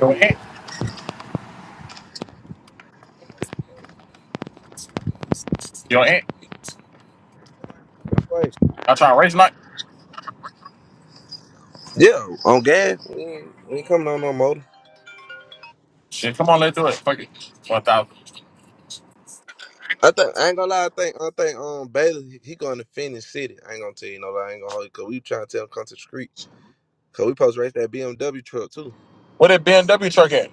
Your aunt. Your aunt. Wait, Y'all trying to race night? Yeah, on gas. We ain't, we ain't coming on no motor. Shit, come on, let's do it. Fuck it. One thousand. I think I ain't gonna lie. I think I think um Bailey he he going to Phoenix City. I ain't gonna tell you no lie. I ain't gonna hold you because we trying to tell him come to the street because we post race that BMW truck too. What that BMW truck at?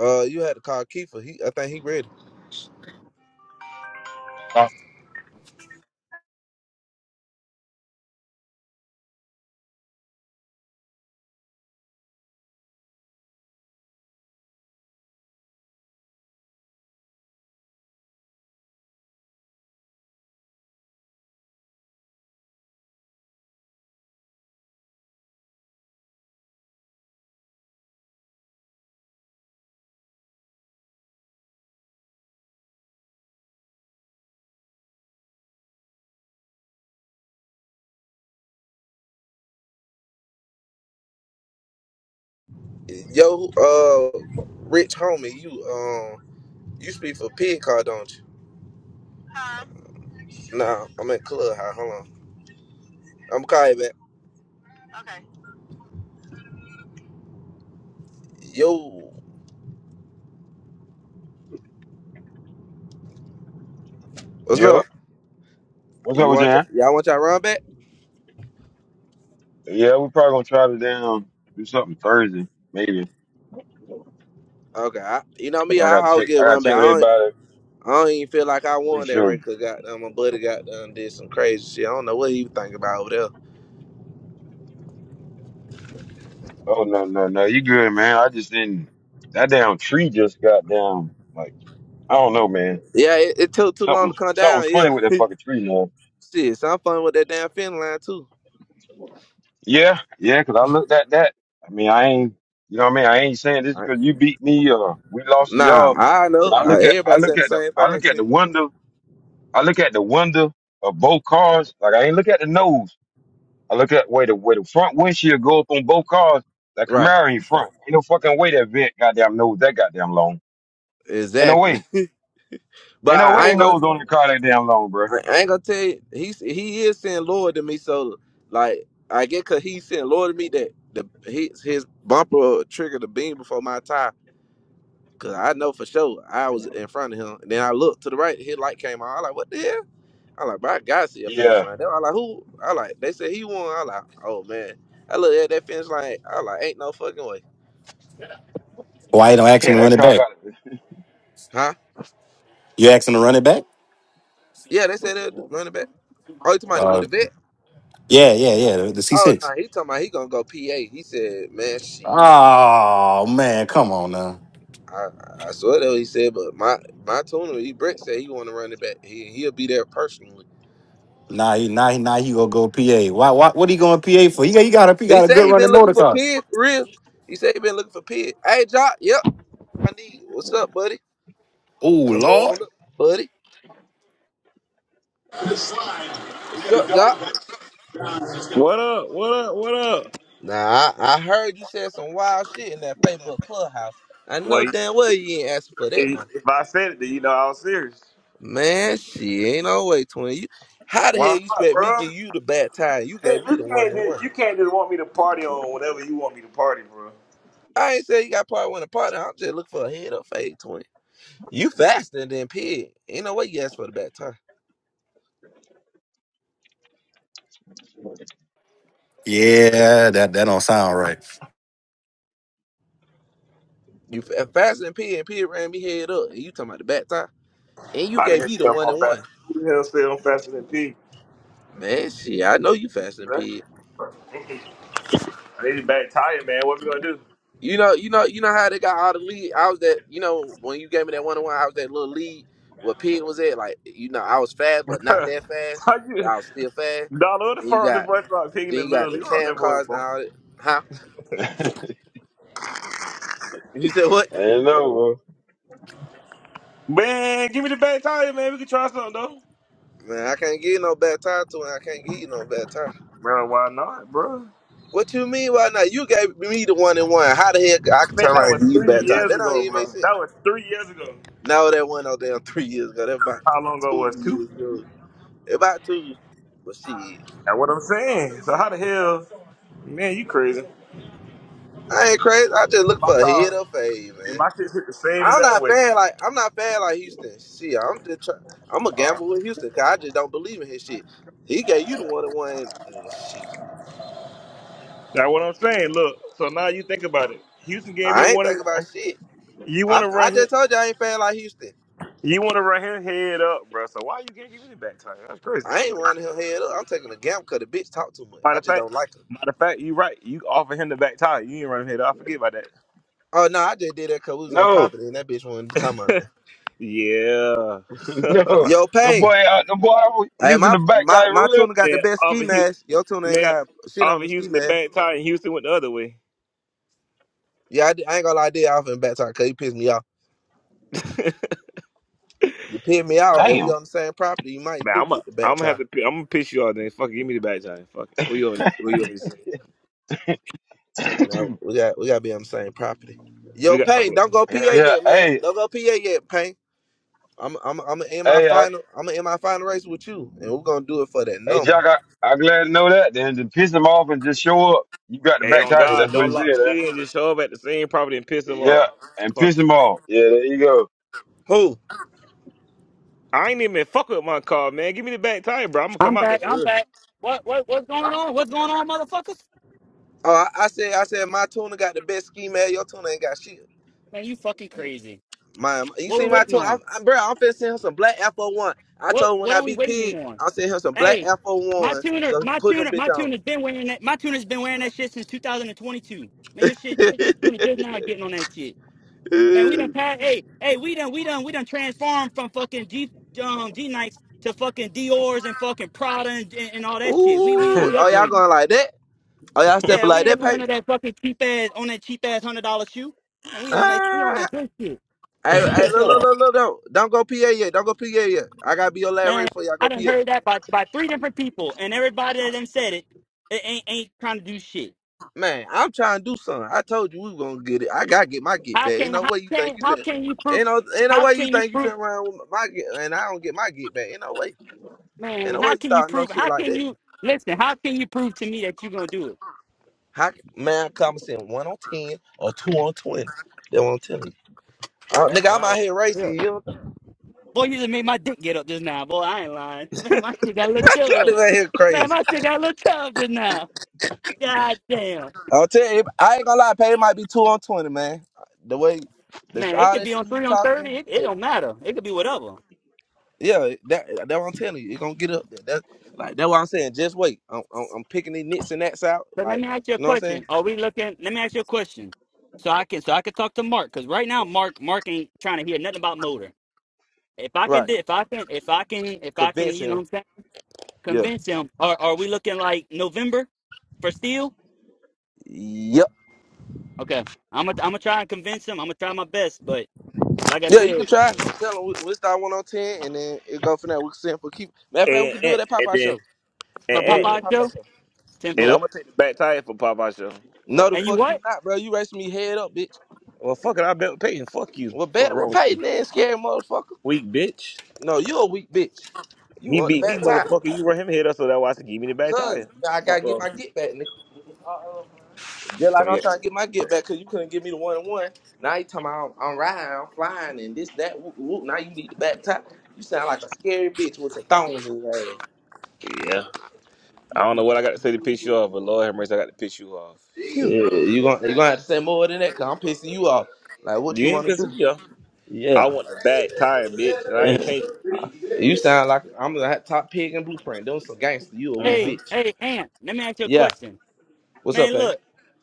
Uh, you had to call Kiefer. He I think he ready. Uh, Yo, uh, rich homie, you um you speak for Pig Car, don't you? Huh? Nah, I'm at Club High. Hold on, I'm gonna call you back. Okay. Yo, what's up? Yo, What's You up with you, want y'all, Ant? y'all want y'all run back? Yeah, we probably gonna try to down do something Thursday, maybe. Okay, I, you know But me, I I, gotta I'll check. I get gotta run check back. I with don't, everybody. I don't even feel like I Make won that sure. race because goddamn my buddy got done did some crazy shit. I don't know what he was thinking about over there. Oh no, no, no. You good, man? I just didn't. That damn tree just got down. Like I don't know, man. Yeah, it, it took too long Something, to come down. something's funny Yeah, with that fucking tree, man. shit, so I'm fun with that damn fin line too. Yeah, yeah. Cause I looked at that. I mean, I ain't. You know what I mean? I ain't saying this Right. because you beat me or we lost to Nah, y'all. I But know. I Uh, look at, I Everybody look saying the at the, same I look at the thing. wonder. I look at the wonder of both cars. Like I ain't look at the nose. I look at way the way the front windshield go up on both cars. That right, Camaro in front. Ain't no fucking way that vent goddamn nose that goddamn long. Ain't no exactly. way. but Ain't no way I the ain't gonna, nose on the car that damn long, bro. I ain't gonna tell you. He he is saying Lord to me, so like I get cause he's saying Lord to me that the he, his bumper triggered the beam before my tire. Cause I know for sure I was in front of him. And then I looked to the right, his light came on. I like, what the hell? I like, bro, I gotta see a finish Yeah. line. They were like, who? I like, they said he won. I like, oh man. I looked at that finish line. I like, ain't no fucking way. Why you don't ask him Yeah, to that run it car back? got Huh? You ask him to run it back? Yeah, they said that running back. Oh, you talking about with Uh, the vet? yeah, yeah, yeah. The, the Oh no, C6. he talking about he gonna go PA. He said, man, she. Oh man, come on now. I, I swear though he said, but my my tuner, he Brett said he want to run it back. He he'll be there personally. nah, he, now he, now he gonna go PA. Why, why? What he going PA for? He got, he got a, he He got a said good he been running looking motor for car. Pig for real. He said he been looking for Pig. Hey, Jock. Yep. I need. What's up, buddy? Oh Come Lord. on up, buddy. What's up, Doc? What up? What up? What up? Nah, I, I heard you said some wild shit in that Facebook clubhouse. I know Well, you- damn well you ain't asking for that if now. if I said it, then you know I was serious. Man, shit, ain't no way, twin. You, how the Why hell you not, expect me bro? give you the bad time? You Hey, gave me You the one can't and one. just, you can't just want me to party on whatever you want me to party, bro. I ain't say you got part one and part. two. I'm just looking for a head up fade, twin. You faster than Pig. Ain't no way you asked for the bad time. Yeah, that that don't sound right. You fa- faster than Pig, and Pig ran me head up. And you talking about the bad time? And you How the gave hell me the you up one on and one. fast? Who the hell said I'm faster than P? Man, shit, I know you faster than Huh? Pig. They just back tired, man. What we gonna do? You know, you know, you know how they got all the lead. I was that, you know, when you gave me that one on one, I was that little lead where Pig was at. Like, you know, I was fast, but not that fast. How But you? I was still fast. Dollar the And you far the got, boy start picking then the you got little. the You out cam that boy, cars and bro. all that. Huh? You said what? Ain't no, bro. Man, give me the back tire, man. We can try something though. Man, I can't give you no bad time to it. I can't give you no bad time. Bro, why not, bro? What you mean? Why not? You gave me the one and one. How the heck I can Man, turn that around was and give you the three bad time? years That don't ago, even make bro. sense. That was three years ago. No, that wasn't no damn three years ago. That about How long ago two was it? two? years ago. About two. But shit. That's what I'm saying. So how the hell, man? You crazy? I ain't crazy. I just If look my for a hit car, or fade, if man. my shit hit the same as I'm that not way. fan like I'm not fan like Houston. Shit, I'm just try, I'm a All right. gamble with Houston because I just don't believe in his shit. He gave you the one to one and shit. That's what I'm saying. Look. So now you think about it. Houston gave me I ain't one thinking and about one. shit. You I want to I run him? just told you I ain't fan like Houston. You want to run him head up, bro? So why you can't give me the back tire? That's crazy. I ain't running him head up. I'm taking a gamble because the bitch talk too much. Matter I of just fact, don't like her. matter of fact, you right. You offer him the back tire. You ain't run him head up. I forget about that. Oh no, I just did that because we was on No. property and that bitch wanted to talk about that. Yeah. no. Yo, The Payne. boy out the boy I was Hey, using my the back my tire my real. tuna got the yeah. best ski Offer Houston, mask. Your tuna ain't man. got shit on Offer the ski Houston the mask. back tire, and Houston went the other way. Yeah, I, did- I ain't gonna lie, I did offer him back tie because you pissed me off. You pissed me off, and we Damn. on the same property. You might Man, do I'm gonna get the I'm back gonna tie. have to pi- I'm gonna piss you all then. Fuck it, give me the back time. Fuck it. What you always what you always say? No, we got we gotta be on the same property. We Yo, got Payne, don't go PA Yeah, yeah. yet, man. Hey, Don't go PA yet, Payne. I'm I'm I'm in my hey, I, final. I'm gonna in my final race with you, and we're gonna do it for that hey number. Jack, I, I glad to know that. Then to piss him off and just show up. You got the Hey back on tire, God, that's what he don't said, lock huh? shit in, just show up at the same property and piss them Yeah. off. And Fuck. piss it. him off. Yeah, there you go. Who? I ain't even fuck with my car, man. Give me the back tire, bro. I'm gonna I'm come out there back. for I'm real. back. What what what's going on? What's going on, motherfuckers? Oh, I, I said I said my tuna got the best ski man. Your tuna ain't got shit. Man, you fucking crazy. My, my- you What we see my waiting tuna, i on? i bro. I'm finna send him some black F O one. I What told him when what I are we be waiting pig, on? I'll send him some black Hey, F O my one tuner, so he can my put them tuner, bitch my on. tuner's been wearing that. My tuner's been wearing that shit since 2022. Man, your shit, your tuner just now getting on that shit. Man, we done Ooh, pass. Hey, hey, we done, we done, we done transformed from fucking G um G Nikes to fucking Dior's and fucking Prada and, and, and all that shit. We we and, we oh y'all upgrading. going like that? Oh y'all Yeah, stepping we like that, ain't on none Peyton? of that fucking cheap ass on that cheap ass hundred dollar shoe. Man, we on that we on Ah, that good shit. hey, What's wrong hey, with look, y'all? look, look, look, don't, don't go PA yet, don't go PA yet. I gotta be your last Man, ready for y'all I go done PA. heard that by, by three different people and everybody that done said it, it ain't ain't trying to do shit. Man, I'm trying to do something. I told you we were gonna get it. I gotta get my get How back. Ain't can no how way you think can you how fit. can you prove Ain't no, ain't no how way you can you think you fit prove around with my get, and I don't get my get back. Ain't no way. Ain't man, no way how you can you thought no prove shit how like can that. you listen, how can you prove to me that you gonna do it? How, c- man, come in one on ten or two on twenty. They won't tell you. Ooh, Uh, that's nigga, what I'm I like. out here Yeah. racing. You, Boy, you just made my dick get up just now, boy. I ain't lying. Man, my shit got a little I'm chub. out here Man, crazy. my shit got a little chub just now. God damn. I'll tell you, I ain't gonna lie, Pay might be two on twenty, man. The way the sh- Man, it all could that be shit on you three on thirty. talking, It, it it- don't matter. It could be whatever. yeah, that that what I'm telling you, it gonna get up there. That like that's what I'm saying. Just wait. I'm, I'm I'm picking these nits and nats out, So let like me ask you a you know what I'm saying, question. Are we looking? Let me ask you a question. So I can so I can talk to Mark because right now Mark Mark ain't trying to hear nothing about motor. If I can right? do- if I can if I can if I can Convince you know what him. I'm saying Yeah. convince him. Are are we looking like November for steel? Yep. Okay, I'm gonna I'm gonna try and convince him. I'm gonna try my best. But like I Yeah, you can said, try. Tell him we, we start one on ten, and then it go from there. We can send for keep. Matter of fact, we can do and, it at and Popeye then show. and, for We can do and, it and, at Popeye Popeye show show. and tempo. I'm Yep. gonna take the back tire for Popeye show. No, Fuck the And that. you fuck you what? not, bro. You racing me head up, bitch. Well fuck it, I bet Peyton. Fuck you. Well, Fuck better. Well, wrong with you. Peyton, man, scary motherfucker. Weak bitch. No, you a weak bitch. You He want the beat me, back time. motherfucker. You were him hit us, so that's why I said give me the back Cause tire. I Fuck gotta get wrong my with you. get back, nigga. Just Tell like I'm me trying to get my get back, cause you couldn't give me the one on one. Now you talking about I'm, I'm riding, I'm flying, and this that. Whoop, whoop. Now you need the back top. You sound like a scary bitch with some thongs in your ass. yeah. I don't know what I got to say to piss you off, but Lord have mercy, I got to piss you off. Phew. Yeah, you gonna you gonna have to say more than that, cause I'm pissing you off. Like what You you ain't wanna pissing do? me off. I Yeah, want the back tire, bitch, and I ain't changing. you sound like I'm the top pig in Blueprint. Doing some gangster. You a weak hmm Hey bitch. hey Aunt, let me ask you a Yeah. question. What's up, Man, man? look,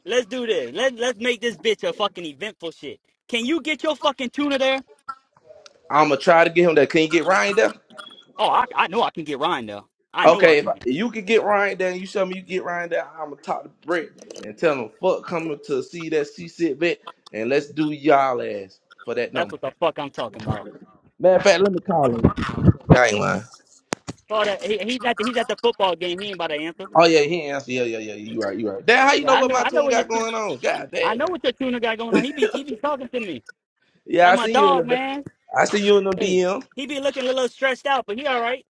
let's do this. Let Let's make this bitch a fucking eventful shit. Can you get your fucking tuna there? I'ma try to get him there. Can you get Ryan there? Oh, I I know I can get Ryan there. I know I Okay, if can. I- if you could get Ryan down, you show me you get Ryan down. I'm gonna talk to Brett and tell him fuck coming to see that C sit bet, and let's do y'all ass for that That's number. what the fuck I'm talking about. Matter of fact, let me call him. I ain't lying. Oh, that, he, he's at the, he's at the football game. He ain't about to answer. Oh yeah, he ain't answer. Yeah, yeah, yeah. You right, you right. Damn, how you Yeah, know I what know. my I know tune what your got tu- going on? God I damn. know what your tuna got going on. He be he be talking to me. Yeah, That's I my see you in the. dog, ba- man. I see you in the Hey, DM. he be looking a little stressed out, but he all right.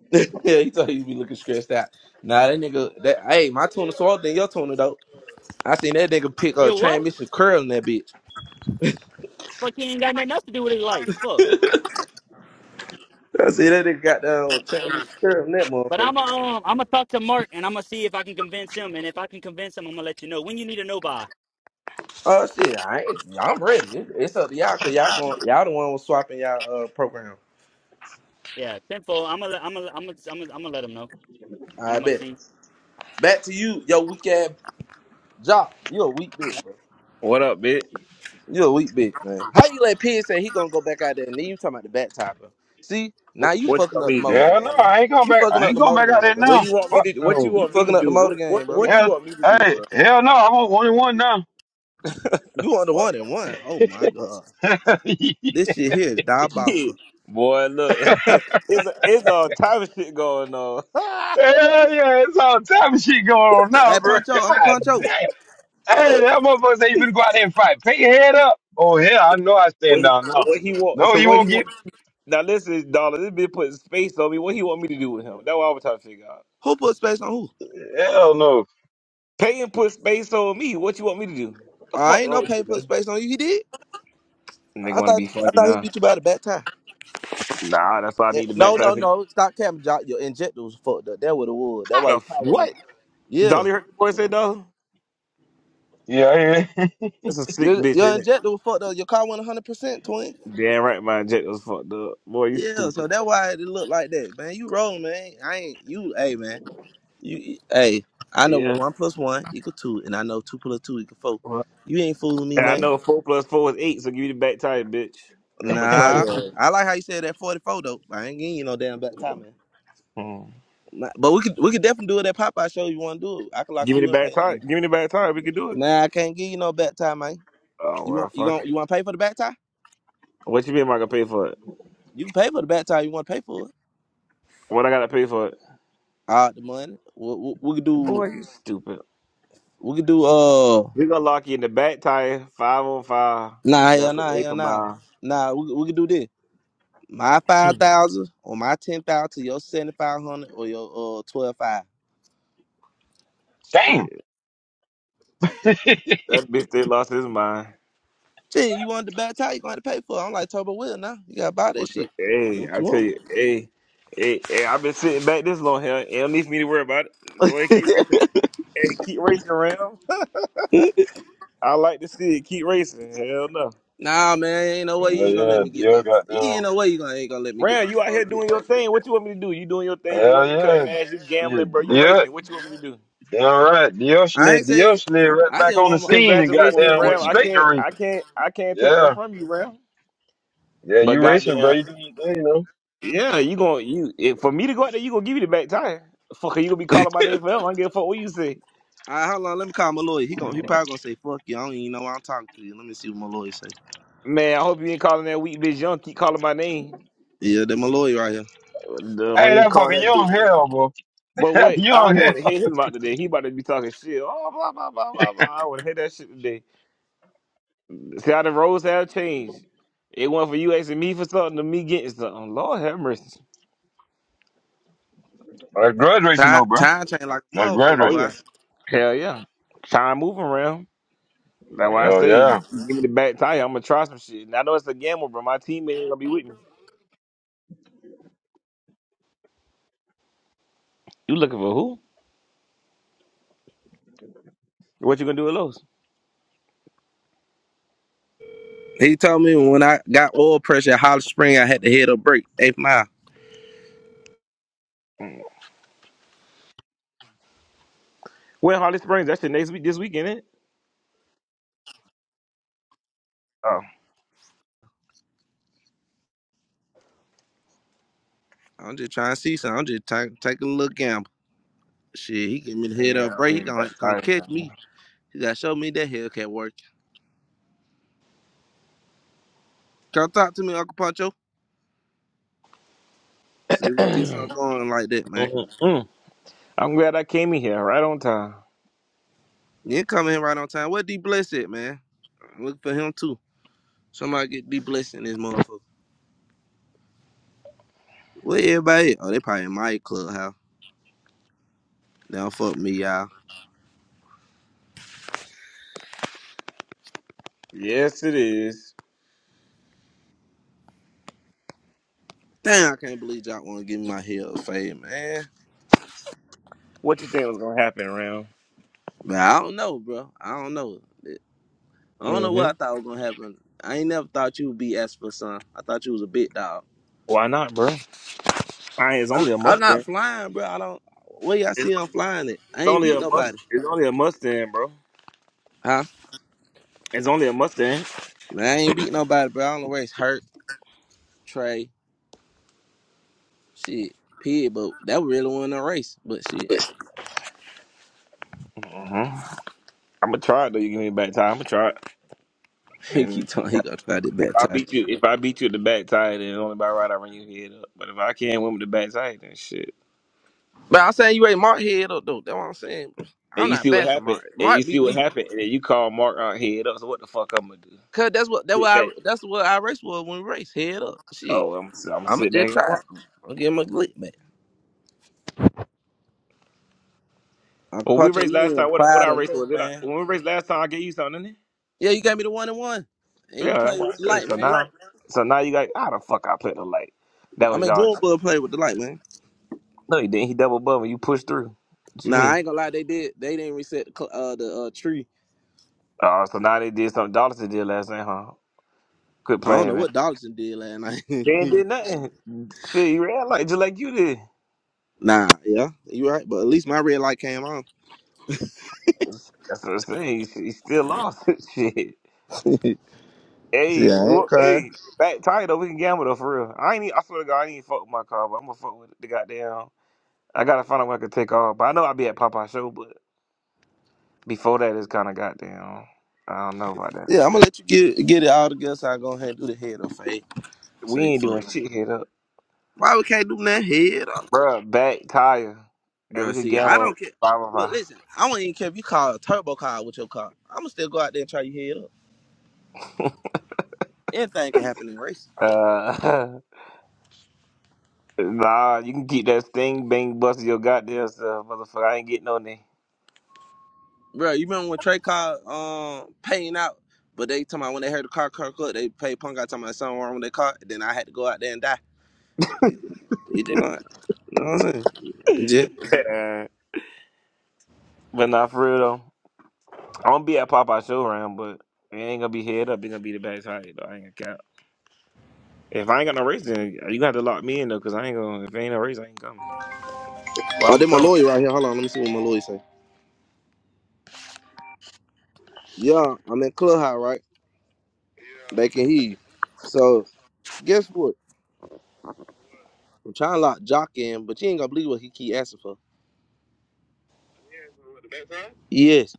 yeah, he thought he'd be looking stressed out. Nah, that nigga. That hey, my tuna smaller than your tuna though. I seen that nigga pick a You what? transmission curl in that bitch. Fuck, he ain't got nothing else to do with his life. Fuck. I see that nigga got down Travis Curl and that But motherfucker. I'm um I'm gonna talk to Mark and I'm gonna see if I can convince him. And if I can convince him, I'm gonna let you know when you need to know by. Oh shit, I ain't, I'm ready. It- It's up to y'all cause y'all going y'all the one was swapping y'all uh program. Yeah, tenfold. I'm gonna, I'm gonna, I'm gonna, I'm gonna, I'm gonna let him know, and I I'm gonna bet. see. Back to you, yo weak ass job. You a weak bitch, bro. What up, bitch? You a weak bitch, man. How you let Pig say he gonna go back out there and then you talking about the back tie, bro? See, now Wh- you What you fucking want up the me to motor do? Hell no, game, man. I ain't going You back. fucking I up ain't the going motor back out game, there bro. What now. you want me Fuck to? What you no. You want me to fucking up the do? motor What what game, bro. what you Yeah, want me to do, hey, bro? hell no, I'm on one and one now. You on the Fuck one and one. Oh my god. hell yeah, This shit here is shit, diabolical. boy. Look, it's a, it's all type of shit going on. what, it's all type of shit going on now, Hey bro. Poncho, Uncle God Poncho, damn. Hey, that motherfucker say you finna go out there and fight. Pick your head up. Oh yeah, I know I stand he- down now. what he want? No, So you what he won't get. want? Now listen, dollar. This bitch put space on me. What he want me to do with him? That's what I was trying to figure out. who put space on who? Hell no. Pay and put space on me. What you want me to do? The fuck I ain't wrong no with pain you, put man? space on you. He did. Nigga I want to be thought I funny thought he now. beat you by the back tie. Nah, that's why I Eh, need the No, no, backside. no. Stop camming. Jock. Your injector was fucked up. That would have would. That's How why the your f- car went. what? Yeah. Dolly Hurt the boy said though. Yeah, yeah. That's a sick Your bitch, your isn't it? injector was fucked up. Your car went 100 percent, twin. Damn right, my jet was fucked up. Boy, you Yeah. stupid. So that's why it looked like that, man. You rolling, man. I ain't you. Hey, man. You. you- Hey. I know Yeah. one plus one equal two, and I know two plus two equal four. Well, You ain't fooling me, And I man. know four plus four is eight, so give me the back tie, bitch. I'm gonna try Nah. your ass. I like how you said that 44 though. I ain't getting you no damn back tie, man. Hmm. My- But we could we could definitely do it at Popeye show. You want to do it? I can lock Give me the you in back pay. tie. Give me the back tie. We can do it. Nah, I can't give you no back tie, man. Oh You well, want you fuck going it. you want to pay for the back tie? What you mean? Am I gonna pay for it? You can pay for the back tie. You want to pay for it? What I gotta pay for it? All the money. We, we, we could do Boy, you stupid. we could do uh We gonna lock you in the back tire, five on five. nah hell That's an nah eighth hell of nah mile. nah we we could do this. My five thousand or my ten thousand, to your seventy five hundred or your uh twelve five. damn. Shit, hell that bitch they lost his mind. Gee, you want the back tie? You gonna have to pay for it. I'm like Turbo Will now. You gotta buy that What's up? shit. Hey, What I you tell you, want? hey, hey, hey, I've been sitting back this long here. It don't need for me to worry about it. Go ahead, keep racing. Hey, keep racing, Ram. I like to see it. Keep racing. Hell no. Nah, man, ain't no way you ain't gonna let yeah, me get Dio my back. got You ain't down. no way you gonna ain't gonna let me get Ram, my you out uh, here doing get back. your thing. What you want me to do? You doing your thing. You Hell winning, yeah. cutting ass. You Shit. gambling, bro. You Yeah, racing. What you want me to do? All right, Dios I slid, ain't say. Dios slid right I back just on the want my. scene and I just got want Congratulations, there my and went Ram. I straight to can't, I racing. can't, I can't take that Yeah, from you, Ram. yeah, But you racing, bro. goddamn, You do your thing, you know. yeah, you gonna you if, for me to go out there, you gonna give me the back tire. Fucker, you gonna be get. calling my name forever. I don't give a fuck what you say. All right, hold on. Let me call Malloy. He gon' he probably gonna say fuck you. I don't even know why I'm talking to you. Let me see what Malloy say. Man, I hope you ain't calling that weak bitch young. Keep calling my name. Yeah, that Malloy right here. Don't Hey, even that call fucking that young bitch. hell, bro. But That wait, I young don't even want to hell. hear him about today. He about to be talking shit. Oh, blah, blah, blah, blah, blah. I want to hear that shit today. See how the roles have changed. It went from you asking me for something to me getting something. Lord have mercy. That's grudge racing, Time though, bro. time change like a That's grudge motherfucker, Oh, racing. boy. yeah. Hell yeah. Trying to move around. That's why I Hell say, yeah. give me the back tire. I'm going to try some shit. And I know it's a gamble, but my teammate ain't going to be with me. You looking for who? What you going to do at Lowe's? He told me when I got oil pressure at Holly Spring, I had to hit a break. Eighth mile. When Holly Springs? That shit next week, this weekend, ain't it? Oh. I'm just trying to see something. I'm just taking taking a little gamble. Shit, he give me the head Yeah, up I break. He mean, gonna back have to come tire, catch me. He gotta show me that Hellcat work. Come talk to me, Uncle Pancho. See if we can get man. something going like that, man. I'm glad I came in here right on time. You ain't coming in right on time. Where D Bless at, man? I'm looking for him too. Somebody get D Bless in this motherfucker. Where everybody at? Oh, they probably in my clubhouse. They don't fuck me, y'all. Yes, it is. Damn, I can't believe y'all want to give me my hell fade, man. What you think was gonna happen Ram? But I don't know, bro. I don't know. I don't know Mm-hmm. what I thought was gonna happen. I ain't never thought you would be Esper, son. I thought you was a big dog. Why not, bro? I, it's I'm, only a I'm not Mustang. flying, bro. I don't. Where y'all It's, see I'm flying at? it's I ain't only beat a must. nobody. It's only a Mustang, bro. Huh? It's only a Mustang. Man, I ain't beat nobody, bro. I don't know race. Hurt, Trey, shit, Pig, but that really wasn't a race. But shit, hmm I'm gonna try it though. You give me a back tie. I'm gonna try it. he And keep telling he gonna try this if bad I time beat shit. you, if I beat you at the back tie, then it's only by right I run your head up. But if I can't win with the back tie, then shit. But I'm saying you ain't Mark head up though. That's what I'm saying. And I'm you not see what fast than happened. Mark. And you Mark see beat what me. happened. And then you call Mark out head up. So what the fuck I'm gonna do? Cause that's what that what Sit I back. that's what I race was when we race head up. Shit, Oh, I'm I'm gonna I'ma sit back. just and watch. try. I'll give him a glick, man. Uncle Well, we Pacho, raced you ain't last even time. What what fired I or raced nothing, was it? I, man. when we raced last time, I gave you something, didn't it? Yeah, you got me the one and one, and you Yeah, that's played what I with the said. light, So man. now, so now you got how the fuck I played the light? That I was mean, y'all. June Bud played with the light, man. No, he didn't. He double bummed. You pushed through. What you Nah, I mean? ain't gonna lie, they did. They didn't reset the cl- uh, the uh, tree Oh, so now they did something Dollars did last night, huh? Quit I don't know playing, man. what Dodson did last night. They ain't did nothing. Shit, he ran like just like you did. nah, yeah, you right. But at least my red light came on. That's what I'm saying. He, he still lost. Shit. yeah, Hey, I ain't what? crying. Hey, back title. We can gamble though for real. I ain't. e- I swear to God, I ain't even fuck with my car, but I'm gonna fuck with the goddamn. I gotta find out when I can take off. But I know I'll be at Popeye show. But before that, it's kind of goddamn. I don't know about that. Yeah, I'm gonna let you get get it all together. So I go ahead and do the head up, Faye. We Say ain't fuck. doing shit hit up, Why we can't do that head up, Bruh, Back tire, and bro? we could See, I gamble don't care. five of Look, five. listen, I don't even care if you call a turbo car with your car. I'm gonna still go out there and try your head up. Anything can happen in racing, Uh, nah, you can keep that sting bang busting your goddamn stuff, motherfucker. I ain't getting no name. bro. You remember when Trey called um paying out, but they talking about when they heard the car car cut, they paid punk out talking about something wrong with their car. Then I had to go out there and die. You think I? You know what I'm saying? Yeah. but nah, for real though, I'm gonna be at Popeye show round, but it ain't gonna be head up. It's gonna be the back tire. Though. I ain't gonna count. If I ain't got no race, then you gonna have to lock me in though, cause I ain't gonna. If ain't no race, I ain't coming. Well, Oh, I'm they gonna my come. lawyer right here. Hold on, let me see what my lawyer say. Yeah, I'm in clubhouse, right? They can hear you. So guess what? I'm trying to lock Jock in, but you ain't gonna believe what he keep asking for. Yes.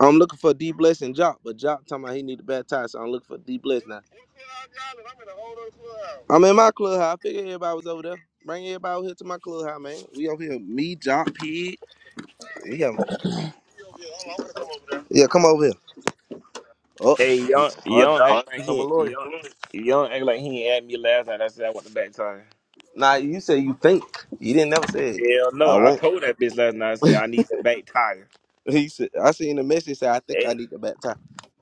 I'm looking for D blessing Jock, but Jock talking about he need a bad tie, so I'm looking for D bless now. I'm in my clubhouse. I figured everybody was over there. Bring everybody over here to my clubhouse, man. We over here. Me, Jock, Pig. Yeah. Yeah, come over here. Oh, s- Hey, y'all, oh y'all Jock. act like Come a he, lawyer. y'all, y'all act like he ain't at me last night. I said I want the back tire. Nah, you say you think. You didn't never say it. Hell no, I I won't. told that bitch last night. I said I need the back tire. He said I seen the message say I think I Hey, need to baptize.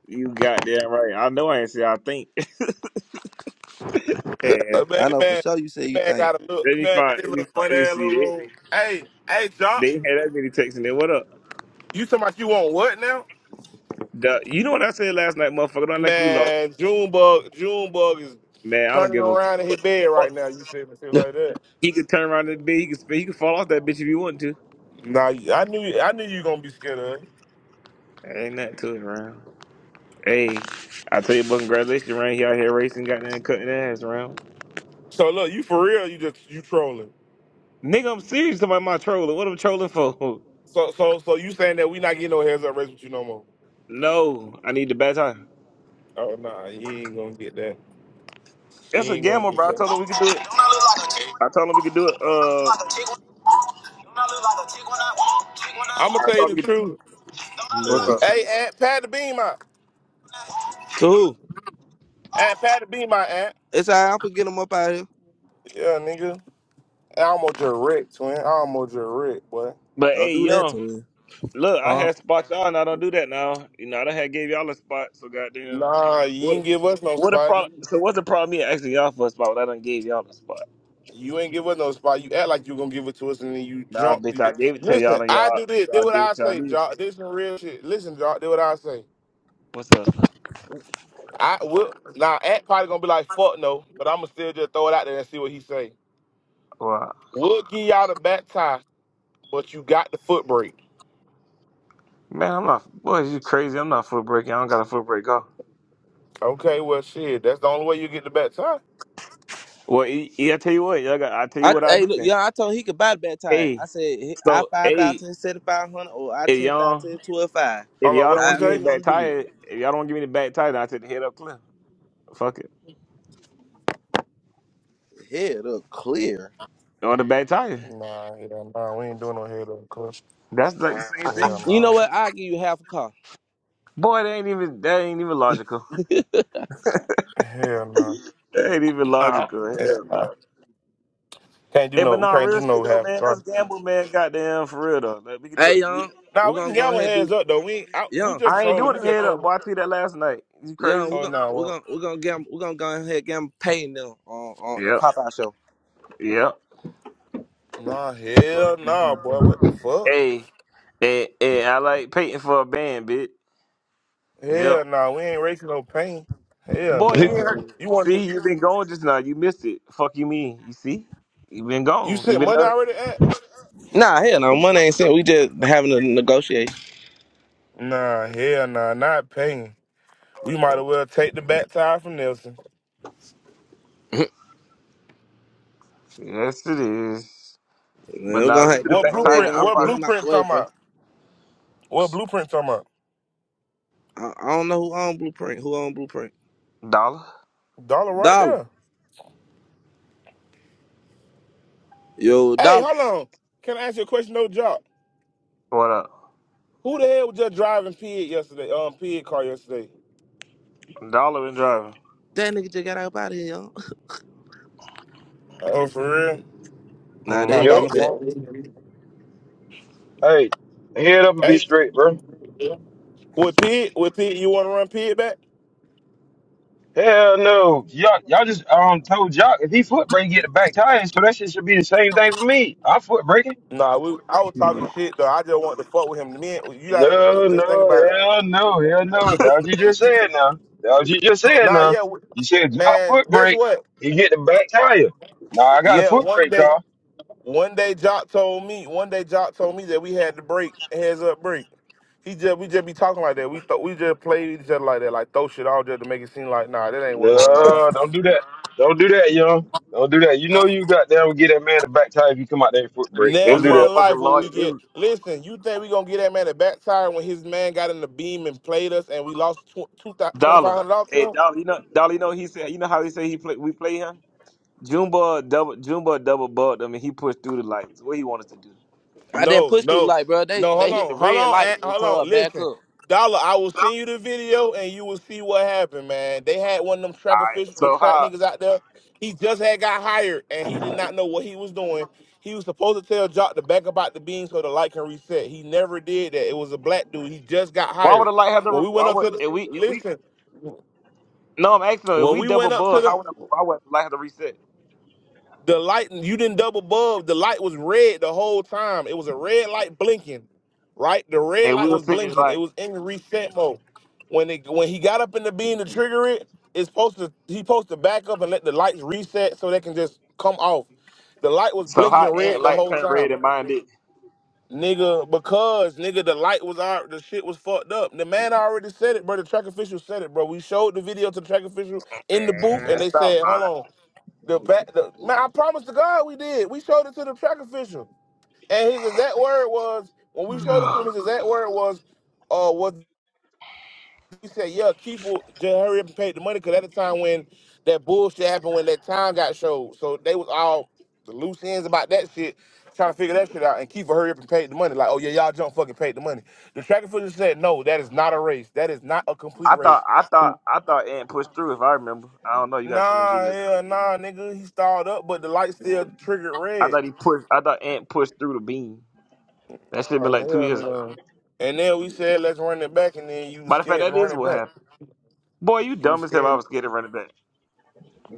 you got that right. I know I ain't say I think. let But man, I that know for man, sure you say that you man think. got a little, that me man got find. his Let me, little find, funny let me ass see little that. room. Hey, hey, John, They ain't had that many texting there. What up? you talking about you want what now? Duh, you know what I said last night, motherfucker? Don't like you lost, Man, Junebug, Junebug is man. I don't turning give a around in his bed right fuck. now. You said shit to like that. He could turn around and the He could spin. He could fall off that bitch if he wanted Nah, I knew, I knew you gonna be scared of it. to. Ain't nothing to it, round. Hey, I tell you, but congratulations, round. He out here racing, got that cutting ass, round. So look, you for real, you just you trolling. Nigga, I'm serious about my trolling. What I'm trolling for? So, so, so you saying that we not getting no heads up race with you no more? No, I need the bad time. Oh nah, you ain't gonna get that. You That's a ain't gonna gamble, get bro. I that. told him we could do it. I told him we could do it. Uh, I'm gonna tell you the truth. What's No. up? Hey, Aunt, pad the beam out. who? Aunt, pad the beam out, Aunt. It's all right, I'm gonna get him up out of here. Yeah, nigga. I almost just wrecked, twin. I almost just wrecked, boy. but Don't hey, do that to young, him. look, I Huh? had spots y'all, and I don't do that now. You know, I done had gave y'all a spot, so goddamn. Nah, you What? ain't give us no What a spot. problem. You, So what's the problem? Me asking y'all for a spot when I done gave y'all a spot. you ain't give us no spot. You act like you gonna give it to us, and then you Nah, jump. bitch, You, I gave it to y'all, listen, and I y'all do this. y'all Do what did I what y'all say, did. Jock. This some real shit. Listen, Jock. Do what I say. What's up? I will. Now, Act probably gonna be like, "Fuck no," but I'm gonna still just throw it out there and see what he say. Wow. We'll give y'all the back tie, but you got the foot brake. Man, I'm not. Boy, you crazy? I'm not foot breaking. I don't got a foot break off. Okay, well, shit. That's the only way you get the back tie. I Well, yeah, I tell you what, y'all got. I tell you I what I hey look, do. yeah, I told him he could buy the baptize. Hey, I said he- I so five hey, thousand seventy five hundred or I if ten y'all thousand twelve five. if don't know y'all don't what you want to However give me he say. the back wanna do tire, if y'all don't want to give me the back tire, then I take the head up cliff. Fuck it, it. Head up clear. or the back tire. Nah, yeah, nah. We ain't doing no head up, club. That's like the same I, I, Yeah, thing. you know nah. what? I'll give you half a car. Boy, that ain't even that ain't even logical. Hell no. That ain't even logical. Hell Hell no. no. Can't do Hey, but no. We nah, can't real do shit no though, half man. Let's guard. gamble, man. Goddamn, for real though. Like, we can do it. Hey We, young, Nah, we're we gonna can get go our ahead and heads do up though. We ain't, I, we young. just I ain't trolling. We doing the just head up, trolling. boy. I tweeted that last night. You Yeah, crazy? we're Oh gonna no. Nah, we're well, gonna we're gonna get 'em- we're gonna go ahead and get 'em paid now on on a Yep. Popeye show. Yep. nah. Hell nah, boy. What the fuck? Hey, hey, hey. I like painting for a band, bitch. Yep. Hell nah. We ain't raising no pain. Hell Boy, you nah. heard. You want to? See, you been gone just now. You missed it. Fuck you, mean. You see, you been You gone. You sent been. money out. already at? Nah, hell no, money ain't sent. We just having a negotiation. Nah. Hell nah. Not paying. We might as well take the back tire from Nelson. Yes, it is. Man, But We're now we gonna can have, do the What I back already tire. blueprint? gonna I have to What get probably him out the blueprint way, talking bro. about? What blueprint talking about? I, I don't know who own Blueprint. Who own Blueprint? dollar. Dollar right Dollar, there. yo, Hey, dollar. hold on. Can I ask you a question, no job? What up? Who the hell was just driving Pig yesterday? Um, Pig car yesterday. Dollar been driving. That nigga just got up out of here. Yo. Oh, for real? Nah, there Nah, you Mm-hmm. go. Yep. He dollar back. four. Hey, head up and be Hey, straight, bro. with Pig, with Pig, you want to run Pig back? Hell no. Y'all, y'all just um told Jock if he foot brake, he get the back tires, so that shit should be the same thing for me. I foot braking. Nah, we, I was talking shit though. I just want to fuck with him. Me, and- you gotta No, just think about no, it. hell no, hell no. That's what you just said now. That's what you just said Nah, now. yeah, we, You said drop man. foot Guess brake, what? you get the back tire. Now I got a Yeah, foot one brake day, car. one day, Jock told me. One day, Jock told me that we had to break heads up break. He just we just be talking like that. We th- we just play each other like that, like throw shit out just to make it seem like nah, that ain't what going on. No, don't do that. Don't do that, young. Don't do that. You know you got down get that man the back tire if you come out there and foot brake. This Don't do Never that. in life motherfucking will lawyer. we This get. Listen, you think we gonna get that man a backside when his man got in the beam and played us and we lost tw- two thou- dollar. $2,500 to Hey, him? dollar. You know, dollar. You know he said. You know how he said he play. We play him. Jumba double. Jumba double bugged him, and he pushed through the lights. What he wanted to do. I didn't No, push through the no, light, bro. They no. they Hold hit the on, hold red on, lights Aunt, and hold told her on. back Listen, up. Dollar, I will send you the video and you will see what happened, man. They had one of them All track right. officials, the So track how? niggas out there. He just had got hired and he did not know what he was doing. He was supposed to tell Jock to back about the beam so the light can reset. He never did that. It was a black dude. He just got Why would hired. the light have When to? we Why went up would to the if we if we? listen, No, I'm asking. though, If When we we double went up to bug, how would the, the why would the light have to reset? the light, and you didn't double bulb. The light was red the whole time. It was a red light blinking, right? The red And we light were was sitting there blinking. It like, was in reset mode. When it when he got up in the beam to trigger it, it's supposed to he supposed to back up and let the lights reset so they can just come off. The light was so blinking how ant red the light whole turned red time. and mine did? Nigga, because nigga, the light was out, the shit was fucked up. The man already said it, bro. The track official said it, bro. We showed the video to the track official in the booth, Man, and they stop said, lying. "Hold on." The back, the, man, I promise to God we did. We showed it to the track official, and his exact word was when we showed it to him. His exact word was, "Uh, was he said, yeah, Keith will just hurry up and pay the money because at the time when that bullshit happened, when that time got showed, so they was all the loose ends about that shit, trying to figure that shit out, and Keith will hurry up and pay the money. Like, oh yeah, y'all jump fucking paid the money. The track official said, no, that is not a race. That is not a complete I thought, race. I thought, Who- I thought Ant pushed through. If I remember, I don't know. You guys send me a Nah, video. Again. yeah, nah, nigga, he stalled up, but the light still triggered I red. thought he pushed. I thought Ant pushed through the beam. That should been Oh like two hell years ago. no. And then we said let's run it back, and then you was Matter of fact, scared to that run is it what back. happened. Boy, you You was dumb as hell. I scared, was scared of running back.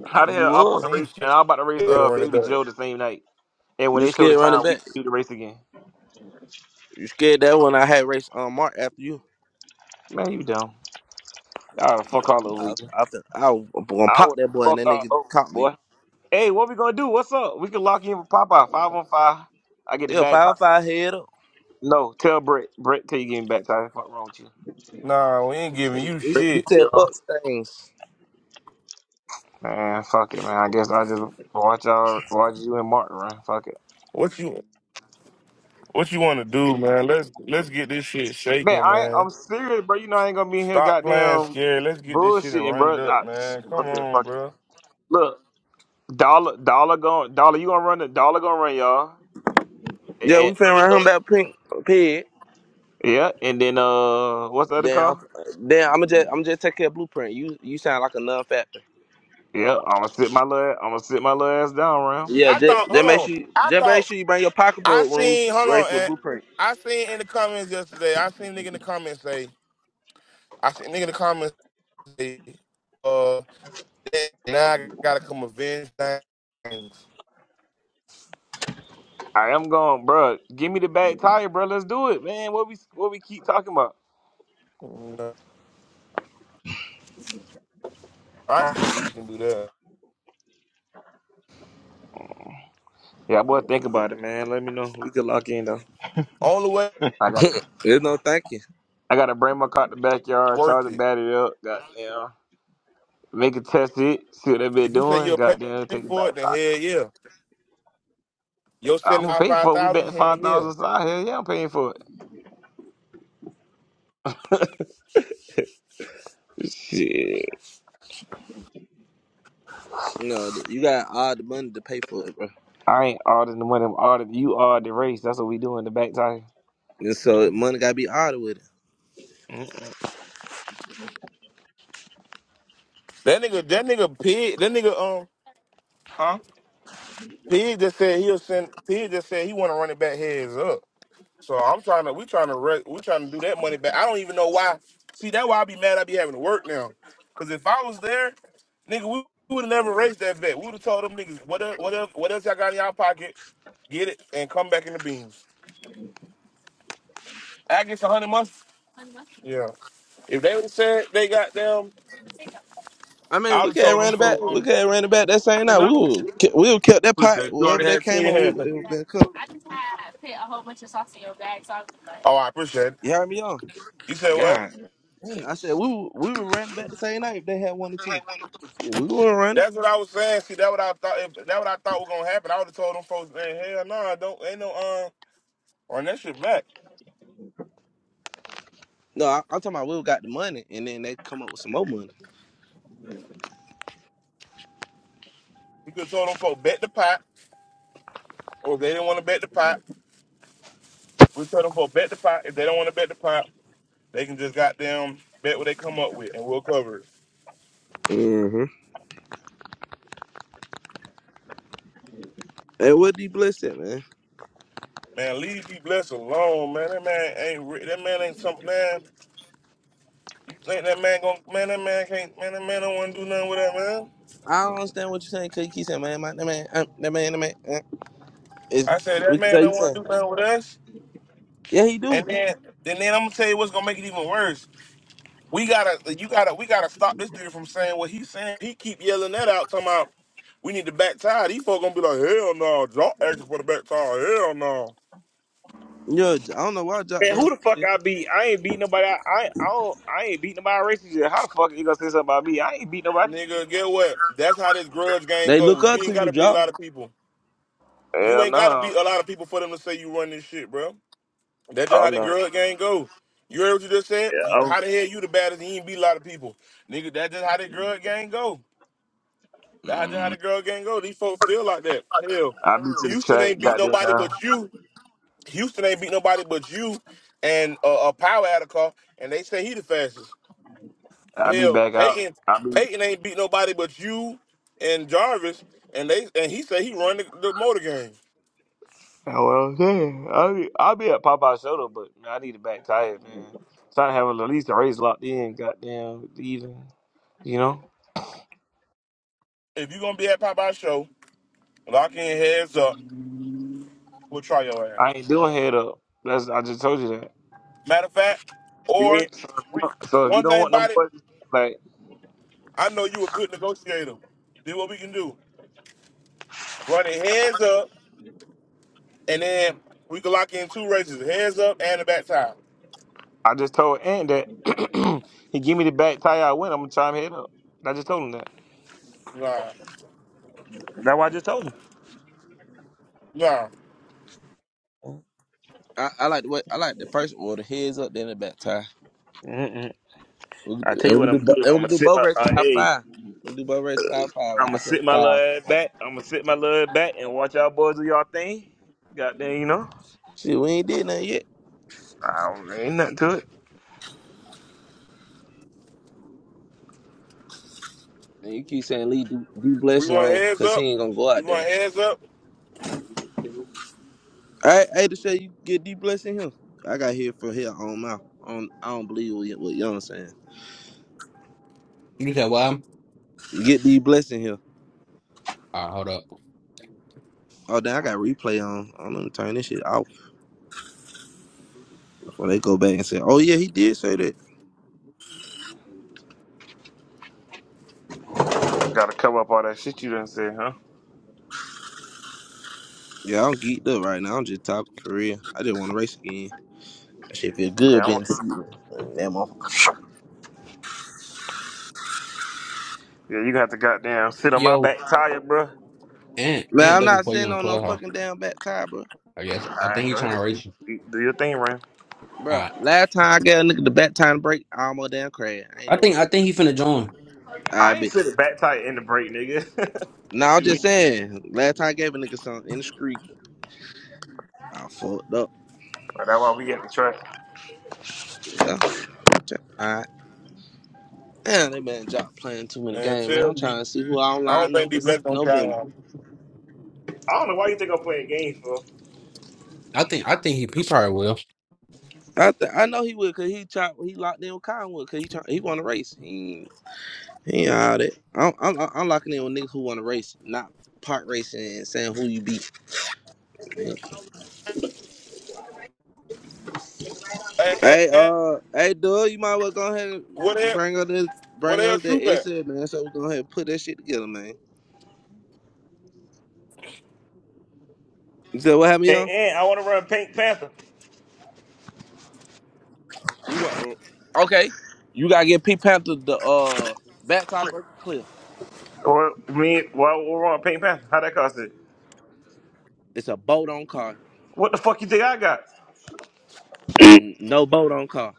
How the You hell I'm were. supposed to and you race? was And scared I'm about to race to uh run it baby back. Joe the same night. And when You they show the scared running time, we back. do the race again. You scared that when I had race on Mark after you. Man, you dumb. I would fuck all I over you. I, fin- I was gonna I pop would that boy and that fuck all nigga over you, caught me. boy. Hey, what we gonna do? What's up? We can lock in with Popeye. Five on five. I get the Yeah, bad time. five five head up. No, tell Brett. Brett, till you get me back time. Fuck wrong with you? Nah, we ain't giving He, you he, Brett, he shit. yeah. said fuck things. Man, fuck it, man. I guess I just watch y'all, watch you and Martin run. Fuck it, What you what you want to do, man? Let's let's get this shit man. shaking, I man. I'm serious, bro. You know I ain't gonna be in here, Stop playing goddamn scared. Let's get this shit and bullshitting, run it bro. I, up, man. Come okay, on, fuck it. bro. Look, dollar, dollar going, dollar. You gonna run the dollar gonna run y'all, Yeah, we and finna run uh, him back pink pig. yeah, and then uh, what's the other Damn, car? damn. I'ma just I'ma just take care of blueprint. You you sound like a non factor. Yeah, I'm gonna sit my little, I'm gonna sit my little ass down, round. Yeah, I just, thought. just Hold make on. sure you- I just make thought sure you bring your I pocketbook when seen. Hold we on, race with Aunt. blueprint. I seen in the comments yesterday. I seen nigga in the comments say. I seen nigga in the comments say. Uh. Now I gotta come avenge things. All right, I'm going, bro. Give me the back tire, bro. Let's do it, man. What we what we keep talking about? I think we can do that. Yeah, boy, think about it, man. Let me know. We could lock in though. Only way I gotta There's no thank you. I gotta bring my car to the backyard, charge worth the it. battery up, goddamn. Make it test it, see what that bit If you say doing, you'll pay, goddamn, take the back for it, then hell tire. yeah. You're I'm sending seventy gonna five pay five for it. We thousand, betting hell five yeah. thousand side here. Yeah, I'm paying for it. Shit. You know th- you got all the money to pay for it, bro. I ain't auditing the money. I'm ordering you are the race. That's what we do in the back tire. And so money gotta be odd with it. Mm, That nigga, that nigga pig, that nigga um, huh? Pig just said he'll send. Pig just said he want to run it back heads up. So I'm trying to, we trying to, re- we trying to do that money back. I don't even know why. See, that why I be mad. I be having to work now. Cause if I was there, nigga, we would have never raised that bet. We would have told them niggas, what else, what else, what else y'all got in y'all pocket? Get it and come back in the beams. I guess a hundred months. Yeah. If they would have said they got them, I I mean, we would have could have told them ran it back. for We um, could have ran it back that same night. We would we would kept that push pot. that. You already Whatever they had two in came your up hand. with, it would been cooked. I just had put a whole bunch of sauce in your bag, so I was like, Oh, I appreciate it. You heard me on. You said what? God. damn. I said we were, we were running back the same night. If they had one or two, yeah, we were running. That's what I was saying. See, that what I thought. If that what I thought was gonna happen, I would have told them folks, man, hell no, nah, don't ain't no um on that shit back. No, I, I'm talking about we got the money, and then they come up with some more money. We could have told them folks bet the pot, or if they didn't want to bet the pot, we told them folks bet the pot. If they don't want to bet the pot, they can just goddamn bet what they come up with, and we'll cover it. Mm-hmm. And what D Bliss said, man. Man, leave be blessed alone, man. That man ain't re- that man ain't something, man. You think that man gon' man? That man can't man. That man don't want to do nothing with that man. I don't understand what you're saying. Cause you keep saying, man, my, that man, uh, that man, that man. Uh, it's, I said we that can man tell you don't want saying, to do nothing with us, yeah, he do. and then and then I'm gonna tell you what's gonna make it even worse. We gotta, you gotta, we gotta stop this dude from saying what he's saying. He keep yelling that out, talking about we need the back tire. These folk gonna be like, hell no, y'all asking for the back tire, hell no. Yo, I I don't know why Jock Man, doing who the that. fuck shit. I beat? I ain't beat nobody. I I, I don't. I ain't beat nobody racist. How the fuck you gonna say something about me? I ain't beat nobody. Nigga, get what? That's how this grudge game They look goes. You up ain't to you, gotta beat a Jock. lot of people. You Hell ain't gotta no. beat a lot of people for them to say you run this shit, bro. That's just Oh how the no. grudge game go. You heard what you just said? Yeah, I'm, How the hell you the baddest and you ain't beat a lot of people? Nigga, that's just how the grudge game go. That's just how mm, the grudge game go. These folks feel like that. Hell, I be to the Houston track. ain't beat Goddamn. nobody but you. Houston ain't beat nobody but you and uh, a power out of car, and they say he the fastest. I be Hell, back out. Peyton I be. Peyton ain't beat nobody but you and Jarvis, and they and he say he run the, the motor game. That's what I'm saying. I be. I be at Popeye Soda, but man, I need a back tire, man. So to have at least a race locked in. Goddamn, even. You know, If you gonna be at Popeye show, lock in heads up. We'll try your ass. I ain't doing head up. That's I just told you that. Matter of fact, Yeah. or So if you don't so if you one don't thing want no about it, more, like. I know you a good negotiator. Do what we can do. Run it heads up, and then we can lock in two races, heads up and the back tire. I just told Ant that he give me the back tire I win. I'm gonna chime head up. I just told him that. Nah, That's what I just told him. nah. I, I like the way, I like the first order. Heads up, then the back tie. Mm-mm. We can, I tell and you we what can do I'm gonna bo- do. and I'm we can gonna do sit both my race uh, five hey. five. We can do both race five five. I'm gonna I sell a sit my little thousand. ass back. I'm gonna sit my little ass back and watch y'all boys do y'all thing. Goddamn, you know. Shit, we ain't did nothing yet. I don't ain't nothing to it. And you keep saying leave D, D We Bless want alone hands because he up. ain't gonna go We out want there. hands up. I I hate to say you get D Bless in here. I got here for here on my on. I don't believe what, y- what Young saying. You said why? You get D Bless in here. All right, hold up. Oh, then I got replay on. I'm gonna turn this shit off before they go back and say, "Oh yeah, he did say that." Gotta cover up all that shit you done said, huh? Yeah, I'm geeked up right now. I'm just talking for real. I just want to race again. That shit feel Yeah, I good don't- being seated. That motherfucker. yeah. You gonna have to goddamn sit on my Yo, back tire, bro. Ant, Man, Ant I'm looking not for you sitting in on no Clubhouse. fucking damn back tire, bro. I guess All I think right, he go trying ahead. to Do, race you. do do your thing, Ram. All Bro, right. last time I got a nigga the back tire break, I almost damn crashed. I ain't I think doing I think he finna join. I ain't it. sit the back tire in the brake, nigga. No, I'm Shoot me. just saying. Last time I gave a nigga something in the street, I fucked up. But that's why we got the track. Yeah. All right. Damn, they been job playing too many Man, games, man. tell I'm D. trying to see who I don't I don't line up think for D s- Black gonna try November. on. I don't know why you think I'm playing games for. I think I think he, he probably will. I th- I know he would, cause he chop he locked in with Conwood, cause he try- he want to race. He ain't- he ain't all that. I'm, I'm I'm locking in with niggas who want to race, not part racing and saying who you beat. Man. Hey, hey, Hey hey, uh hey dude, you might well go ahead what the and hell? bring us this What the bring hell? us that Troop at? essay, man. So we go ahead and put that shit together, man. You said what happened, And, and I want to run Pink Panther. You want okay? You gotta get Pete Panther the uh back tie breaker clear. Or me? Why we run Pink Panther? How that cost it? It's a boat on car. What the fuck you think I got? N- No boat on car.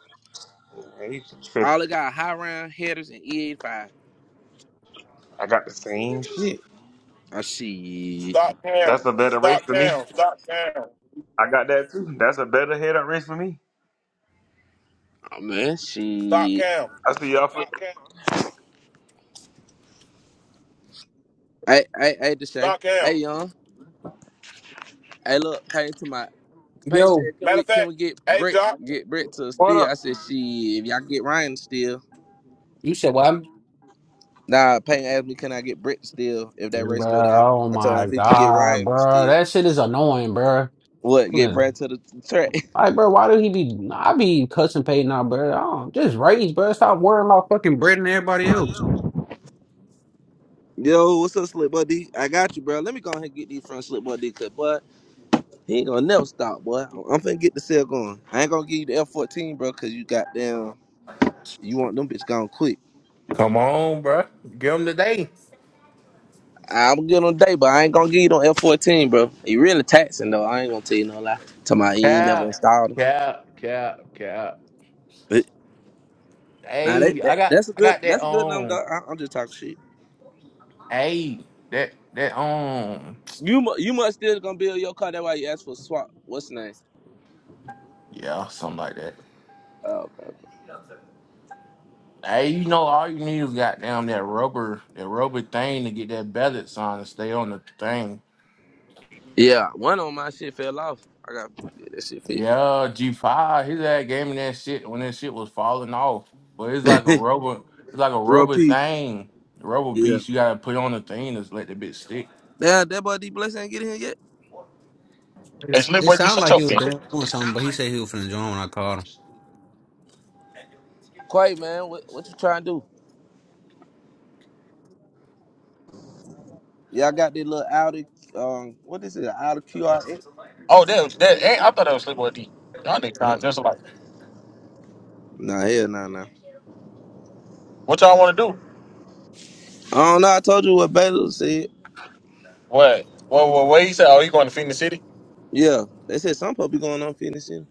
Man, you tripping. All it got are high round headers and E85. I got the same shit. Oh shit. Stop cam. That's a better race Stop for me. cam. Stop cam. I got that too. That's a better head up race for me. Oh man, Stop shit. cam. I see y'all. For- Hey, hey, hey, to say. Stop cam. Hey, young. Hey, look. Pay to my. Pay said, Yo, can Matter we of can fact, we get hey Brett Jock, get Brett to what steal? I up? said, shit. If y'all can get Ryan to steal. you said why? Nah, Payne asked me, can I get Brett to steal if that race go Bruh, down? oh I told him my if he could get god, Ryan to bro, steal. that shit is annoying, bro. What? Get Yeah. Brett to the track. Like, bro, why do he be? I be cussing Peyton out, bro. I don't, just rage, bro. Stop worrying about fucking Brett and everybody else. Yo, what's up, Slick Buddy? I got you, bro. Let me go ahead and get these from Slick Buddy, cause boy, he ain't gonna never stop, boy. I'm I'm finna get the sale going. I ain't gonna give you the F14, bro, cause you got down. You want them bitch gone quick. Come on, bruh. Give them today. I'm gonna get on day, but I ain't gonna give you no F14, bro. You really taxing though. I ain't gonna tell you no lie. Tell my you ain't never Cap, installed them. cap, cap, cap. But now that, Hey, that I got, that's a I good got that that's a good number. um. Dog. I, I'm just talking shit. Hey, that that um. You mu- you must still gonna build your car. That's why you asked for a swap. What's the name? Yeah, something like that. Oh, okay. Hey, you know, all you need is goddamn that rubber, that rubber thing to get that balance on and stay on the thing. Yeah, one on my shit fell off. I got to get that shit fit. Yeah, G five. His ass gave me that shit when that shit was falling off. But it's like a rubber, it's like a Real rubber P. thing, rubber Yeah. piece you gotta put on the thing to let the bit stick. Man, that boy D Bless ain't get in here yet. it's It's, it Sleepaway D. sounded Shut like your he was bitch. doing something, but he said he was finna join when I called him. Quite, man, what, what you trying to do? Y'all got this little Audi, um, what is it, Audi QRX? Oh, that was that ain't I thought that was Sleepaway D. Y'all niggas trying Mm-mm. just like Nah, hell nah, nah. what y'all wanna do? I don't know. I told you what Baylor said. What? What what what you say? Oh, you going to Phoenix City? Yeah, they said some people be going unfinished. in.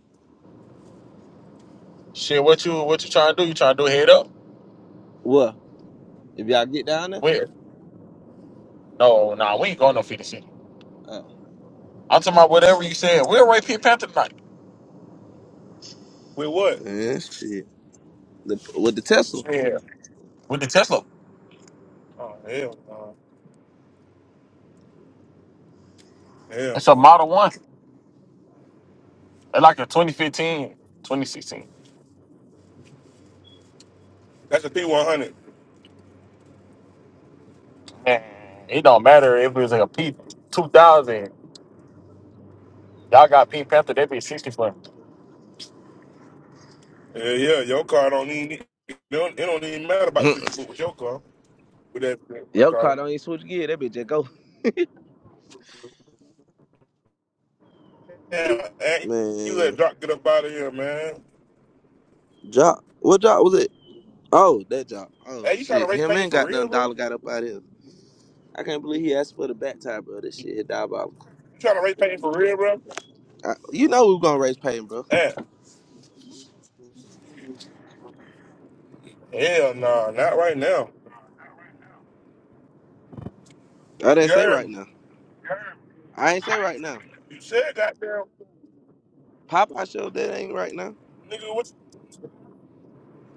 Shit, what you what you trying to do? You trying to do head up? What? If y'all get down there? Where? No, nah, we ain't going to Phoenix City. Oh, I'm talking about whatever you said. We're right Pete Panther tonight. with what? man, shit. The, with the Tesla? Yeah. With the Tesla. Oh hell no. Hell It's a no. model one. It's like a 2015, 2016. That's a P one hundred. Man, it don't matter if it was like a P two thousand. Y'all got Pink Panther, they be sixty for Yeah, yeah. Your car don't even. It don't, it don't even matter about Mm-mm. sixty foot with your car. With that, what Your call car it? don't even switch gear. That bitch just go. Yeah, hey, you let Man, Jock get up out of here, man. Jock. What job was it? Oh, that job. Oh, Hey, you trying to shit. race Him painting and for got real, done bro? dollar got up out here. I can't believe he asked for the back tie, bro. This shit is diabolical. You trying to raise pain for real, bro? I, you know we gonna raise Payton, bro. Eh, hell nah, not right now. I didn't You say heard me. right now. I ain't say right now. You said goddamn Popeye show that ain't right now. nigga what you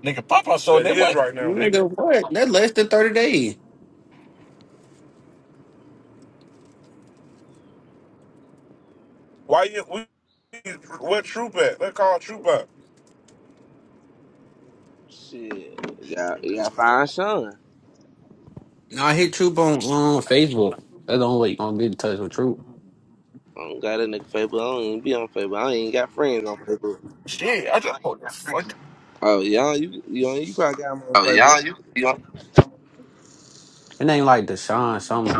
nigga Papa showing said them it is like right now, nigga. Nigga, what? That's less than thirty days. Why you we what troop at? Let's call troop up. Shit, you got you got fine son. No, I hit Troop on on Facebook. That's the only way you gonna get in touch with Troop. I don't got a nigga Facebook. I don't even be on Facebook. I ain't even got friends on Facebook. shit. I just oh, the fuck. Oh yeah, you you you probably got him on Oh, yeah, Facebook. you, you don't It ain't like Deshaun something.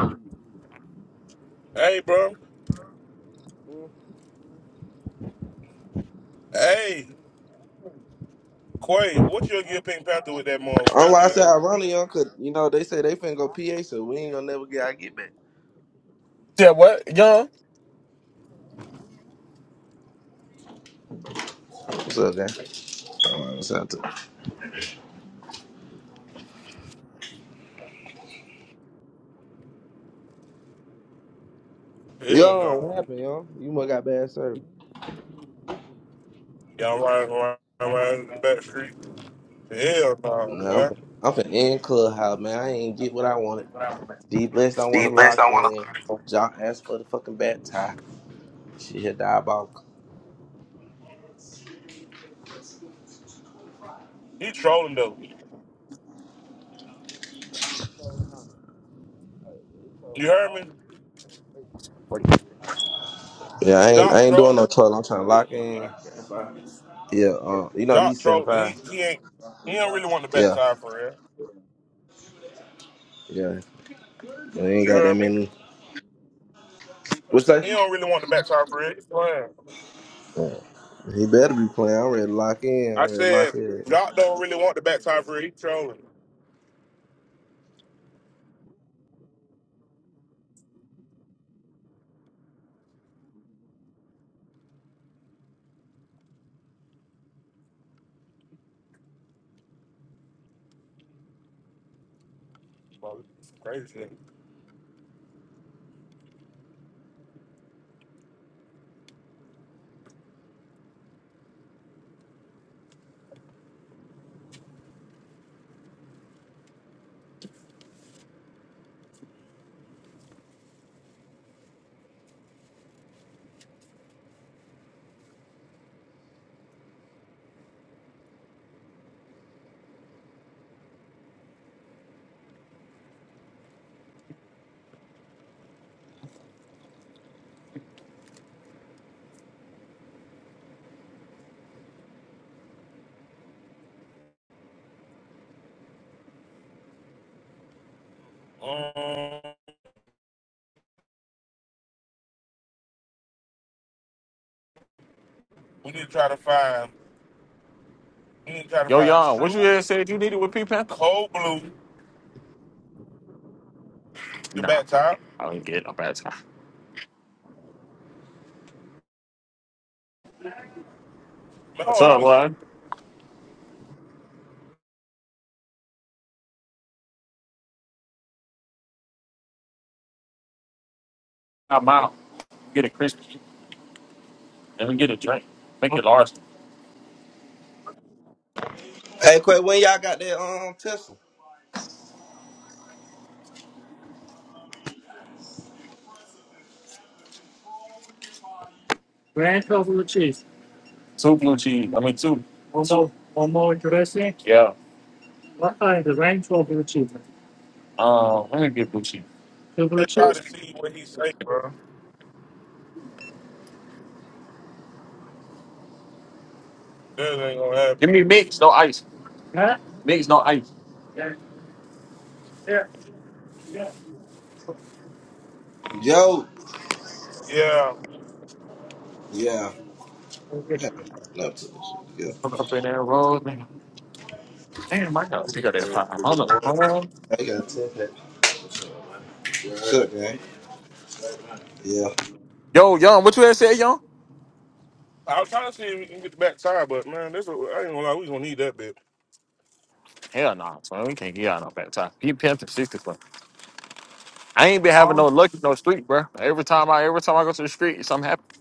Hey bro. Hey, Quay, what you gonna get Pink Panther with that am motherfucker, why I said man? ironic, y'all, cause you know they say they finna go PA, so we ain't gonna never get our get back. Yeah, what young? What's up, guy? All right, what's up? too? Hell Yo, what no. happened, yo? You must got bad service. Y'all riding around do around the back street. Hell no, No, man. I'm fin- I'm finna end clubhouse, man. I ain't get what I wanted. D blessed. I want to you lock I want in. to. John asked for the fucking bat tie. She had diabolical. He trolling though. You heard me? Yeah, I ain't Doc I ain't doing no trolling. trolling. I'm trying to lock in. Yeah, uh, you know Doc these seventy trolling. five. He he ain't he don't really want the back Yeah, tire for real. yeah. They ain't You got that heard me? many. What's that? He don't really want the backside for it. Yeah, he better be playing. I'm ready to lock in. I I'm ready to lock said, in. Doc don't really want the backside for it. He trolling. Crazy. Um, we need to try to find. We need to try to Yo, find young, what you true had said you needed with Pink Panther? cold blue the Nah, back top. I didn't get it. I'm bad time. What's No, let up, me see. boy? I'm out. Get a crispy and we get a drink. Make it large. Hey, Quay, when y'all got that um Tesla? Two blue cheese. I mean two. One more, one more dressing. Yeah. What kind? The range or blue cheese? Um, let me get blue cheese. Two blue Let's try cheese? to see what he say, bro. This ain't gonna Give happen. me mix, no ice. Huh? Mix, no ice. Yeah. Yeah. Yeah. Yo, Yeah, yeah. I Okay. haven't got Enough to this shit. I'm Yeah, up in that road, man. Damn, I gotta pick up that five hundred. man. I got a ten pack. Shit, man. Yeah. Yo, young, what you had said, young? I was trying to see if we can get the back tie, but man, this I ain't gonna lie, we gonna need that bit. Hell nah, son. We can't get out no bad time. He pimped and sixty one. I ain't been having no luck in no street, bro. Every time I every time I go to the street, something happens.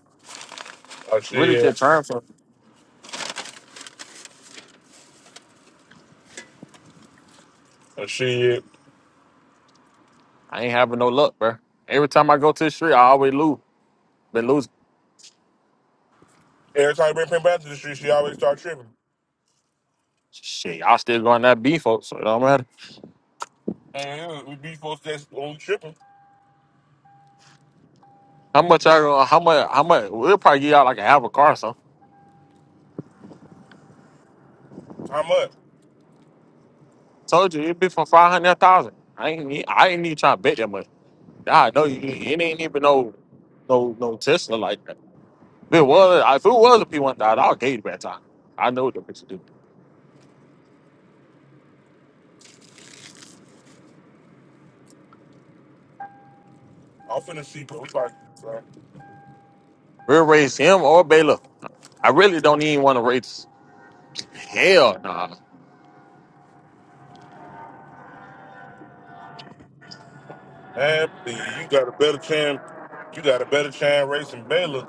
Oh I really shit, just trying for. oh shit. I ain't having no luck, bro. Every time I go to the street, I always lose. Been losing. Every time we bring Pim back to the street, she always start tripping. Shit, y'all still going that B, folks. So it don't matter. And we be supposed to test when we tripping. How much I gonna? How much? How much? We'll probably get out like a half a car or something. How much? Told you it'd be for five hundred thousand. I ain't. need- I ain't even trying to bet that much. I know you. It ain't even no, no, no Tesla like that. If it was, if it was a P one thousand, I'll get it back time. I know what the bitch do. I'm finna see Blue Lock. So, We'll raise him or Baylor. I really don't even want to raise. Hell nah, man, you got a better chance. You got a better chance racing Baylor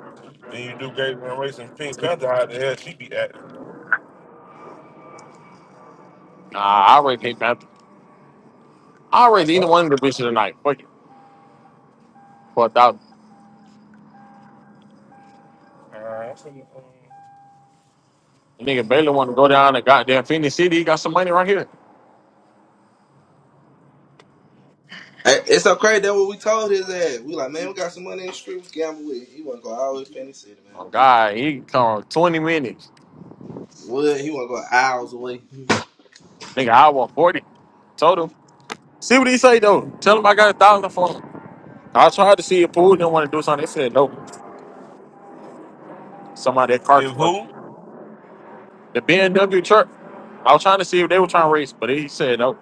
than you do greater than racing Pink Panther. How the hell she be acting? nah. I already hate Panther. I I already either know. one of the bitches tonight. Fuck it. Four thousand. Uh, I'm finna, uh, Nigga Baylor want to go down to goddamn Phoenix City. He got some money right here. Hey, It's so crazy. That's what we told his ass. We like, man, we got some money in the street. We gamble with. it." He want to go all the way to Penny City, man. Oh God, he come twenty minutes. Well, he want to go hours away. Nigga, I want forty. Told him. See what he say though. Tell him I got a thousand for him. I tried to see if pool didn't want to do something. They said no. Somebody that car if for me. who? The BMW truck. I was trying to see if they were trying to race, but he said no.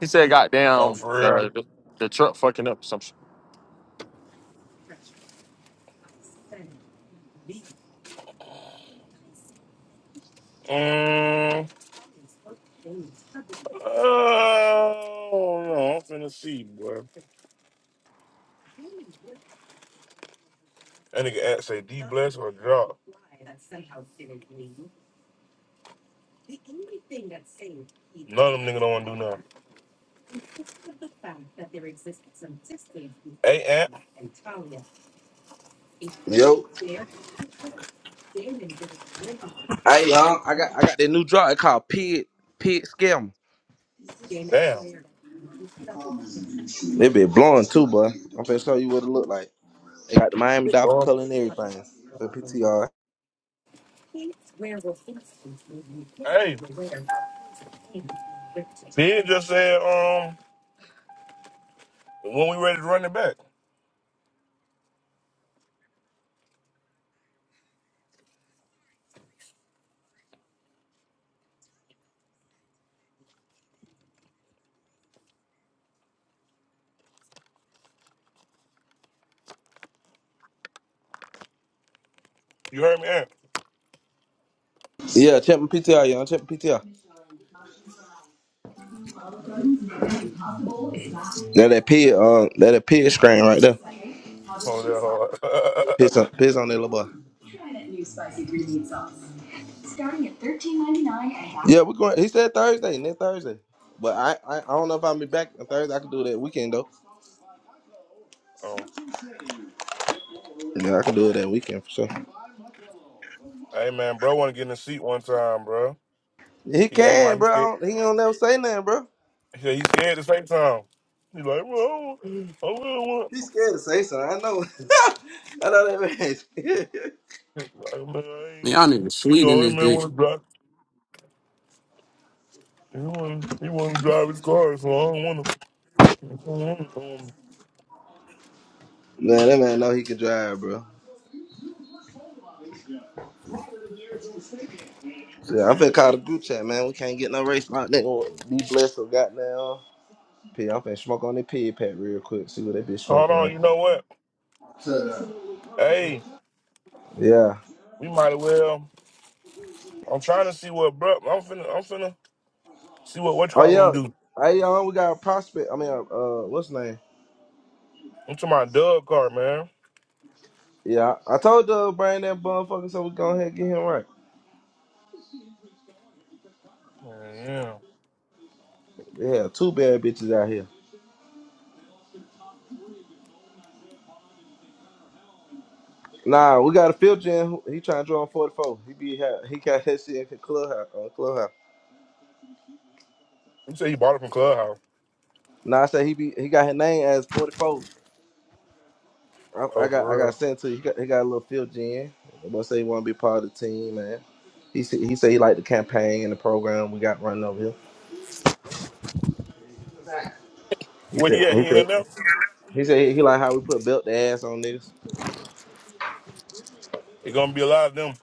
He said Oh, goddamn for the real. the, the truck fucking up some shit. Um, oh no, I'm finna see, boy. That nigga act say D bless or drop. None of them niggas don't wanna do nothing. Hey, Ant. Yo, hey y'all, I got I got that new drop. It's called Pit Pit Scam. Damn. They be blowing too, boy. I'm finna show you what it look like. They got the Miami Dolphin color and everything. The PTR. Hey, Ben just said, um, when we ready to run it back. You heard me, Ant? Yeah, check my PTR, y'all. Check my PTR. Now that pit, um, that a pit screen right Oh, there. that hard. Piss on, piss on that little boy. Try that new spicy green meat sauce, starting at thirteen ninety nine. Yeah, we're going. He said Thursday, next Thursday. But I, I, I don't know if I'll be back on Thursday. I can do it that weekend though. um, Yeah, I can do it that weekend for sure. hey, man, bro, want to get in the seat one time, bro. He He acting can, like he's bro. scared. I don't, he don't never say nothing, bro. He said he's scared The same time, He like, well, I don't want. He's scared to say something. I know. I know that man. scared. Like, man, I ain't- Y'all niggas you sweet in know, that this man bitch. want to drive. He want, he want to drive his car, so I don't want to. man, that man know he can drive, bro. Shit, I'm finna call the group chat, man. We can't get no race like that. Be blessed or goddamn. P, I'm finna smoke on that pig pack real quick. See what that bitch Hold smoking on, like. you know what? Yeah. Hey, we might as well. I'm trying to see what bro. I'm finna. I'm finna see what what Oh car yeah. want to do. Hey y'all, we got a prospect. I mean, uh, uh, what's his name? I'm to my Doug car, man. Yeah, I, I told the brain that motherfucker, so we go ahead and get him right. Yeah, yeah. Yeah, two bad bitches out here. Nah, we got a filter in. who- He trying to draw on forty four. He be ha- he got that shit in clubhouse on clubhouse. You say he bought it from Clubhouse. Nah, I said he be he got his name as forty four. I, I Oh, got I for got real. sent to. you. He got he got a little filter in. The boy say he want to be part of the team, man. He said he said he liked the campaign and the program we got running over here. He Where said he at? he He in here said now? He said he like how we put belt the ass on niggas. It gonna be a lot of them.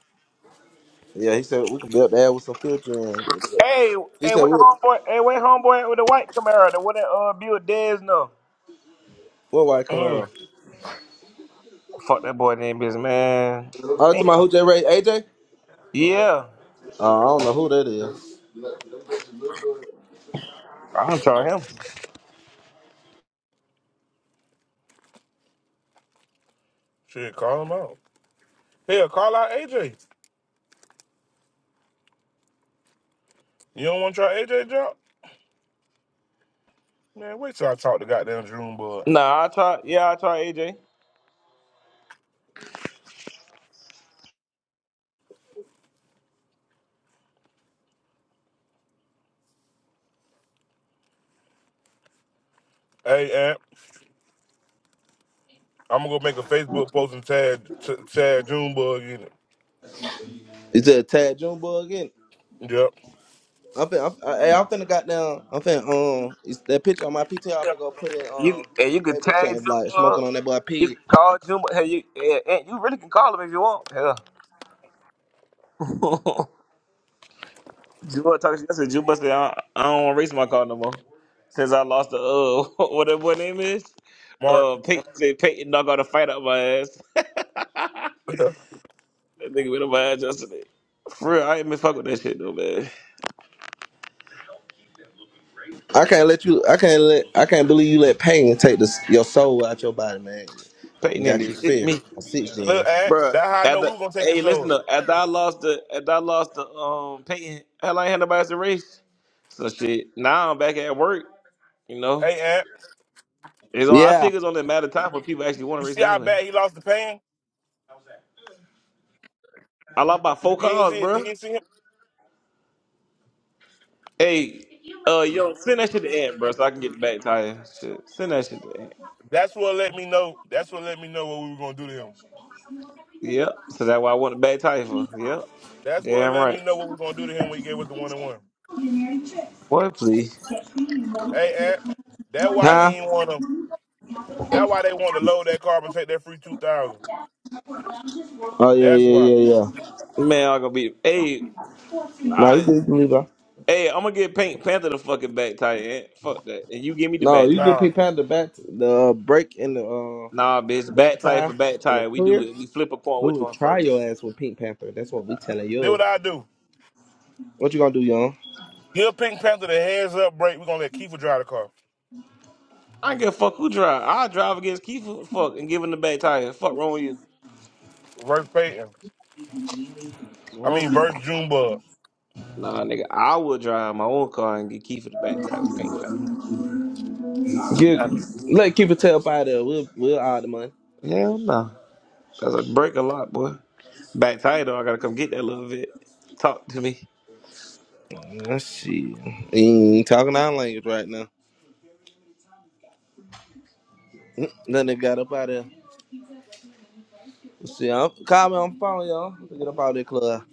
Yeah, he said we can belt the ass with some filter in. Hey, He hey, said where we homeboy? Hey, where homeboy at with the white Camaro? The one that uh Bill Dez know. what white Camaro? Oh, Fuck that boy name, business man. Oh, to my who J Ray AJ? Yeah, Uh, I don't know who that is. I'll try him. shit. Call him out. Hell, call out AJ. You don't want to try AJ drop? Man, wait till I talk to goddamn Junebug. Nah, I try. Yeah, I try AJ. Hey, Aunt, I'm gonna go make a Facebook post and tag t- tag Junebug in it. Is said Tad Jumbo again. Yep. I'm finna, I'm, I, hey, I'm finna got down. I'm finna um it's that picture on my PTR. I'm finna go put in You um and in you the could Facebook chat tag it's like Jumbo. smoking on that boy You can pig. call Jumbo. Hey, you, hey, and you really can call him if you want. Hell, Jumbo talks. I said Jumbo said I, I don't want to race my car no more since I lost the uh what that boy name is. Mark. Uh, Peyton said Peyton knocked out a fight out my ass. that nigga went on my ass yesterday. For real, I ain't been fuck with that shit though, man. I can't let you. I can't let. I can't believe you let pain take this, your soul out your body, man, Peyton and didn't got do you shit to fear me. on six Look, gens. Aunt, Bruh, That's how I know after we were gonna take it hey, listen slow. up. After I lost the, after I lost the um Peyton, hell, I ain't had nobody else to race. So shit. Now I'm back at work. You know, Hey, Aunt, it's on. I Yeah, figure it's only a matter of time for people actually want to you race see me how anyway. bad he lost the pain? I lost by You four didn't see cars, it. You bruh. didn't see him. Hey, uh, yo, send that shit to Ant, bruh, so I can get the back tire. Shit, send that shit to Ed. That's what let me know. That's what let me know what we were gonna do to him. Yep. So that's why I want the back tire for. Yep. That's what Damn let right. me know what we were gonna do to him when he gave us the one and one. Boy, please. Hey, Aunt, that why he Huh? ain't wanna. That why they want to load that car and take that free two thousand. Oh yeah, That's yeah, why. yeah, yeah. Man, I'm gonna be. Hey, all No, you right. can, you can leave out. Hey, I'm gonna get Pink Panther the fucking back tie. eh? Fuck that. And you give me the No, back you can tie. Nah, pick pound the back to the uh, break in the uh Nah, the bitch. back Back tie for time back in the tie. We do career. it. We flip a coin. We Which would one try first? your ass with Pink Panther. That's what we telling do what you. I do. What you gonna do, young? Give Pink Panther the heads up break. We are gonna let Kiefer drive the car. I don't give a fuck who drive. I drive against Keith. Fuck and give him the back tire. Fuck wrong with you. That's Verse Peyton, I what I'm mean verse saying. Junebug. Nah, nigga. I would drive my own car and get Keith for the back tire with Pink Panther. No Get matter. let keep it tail up there. We'll we'll all the money. Hell no. Nah. Cause I break a lot, boy. Back tire though. I gotta come get that little bit. Talk to me. Let's see. He ain't talking our language right now. Then they got up out there. Let's see, I'm calling on the phone, y'all. Let's get up out of the club.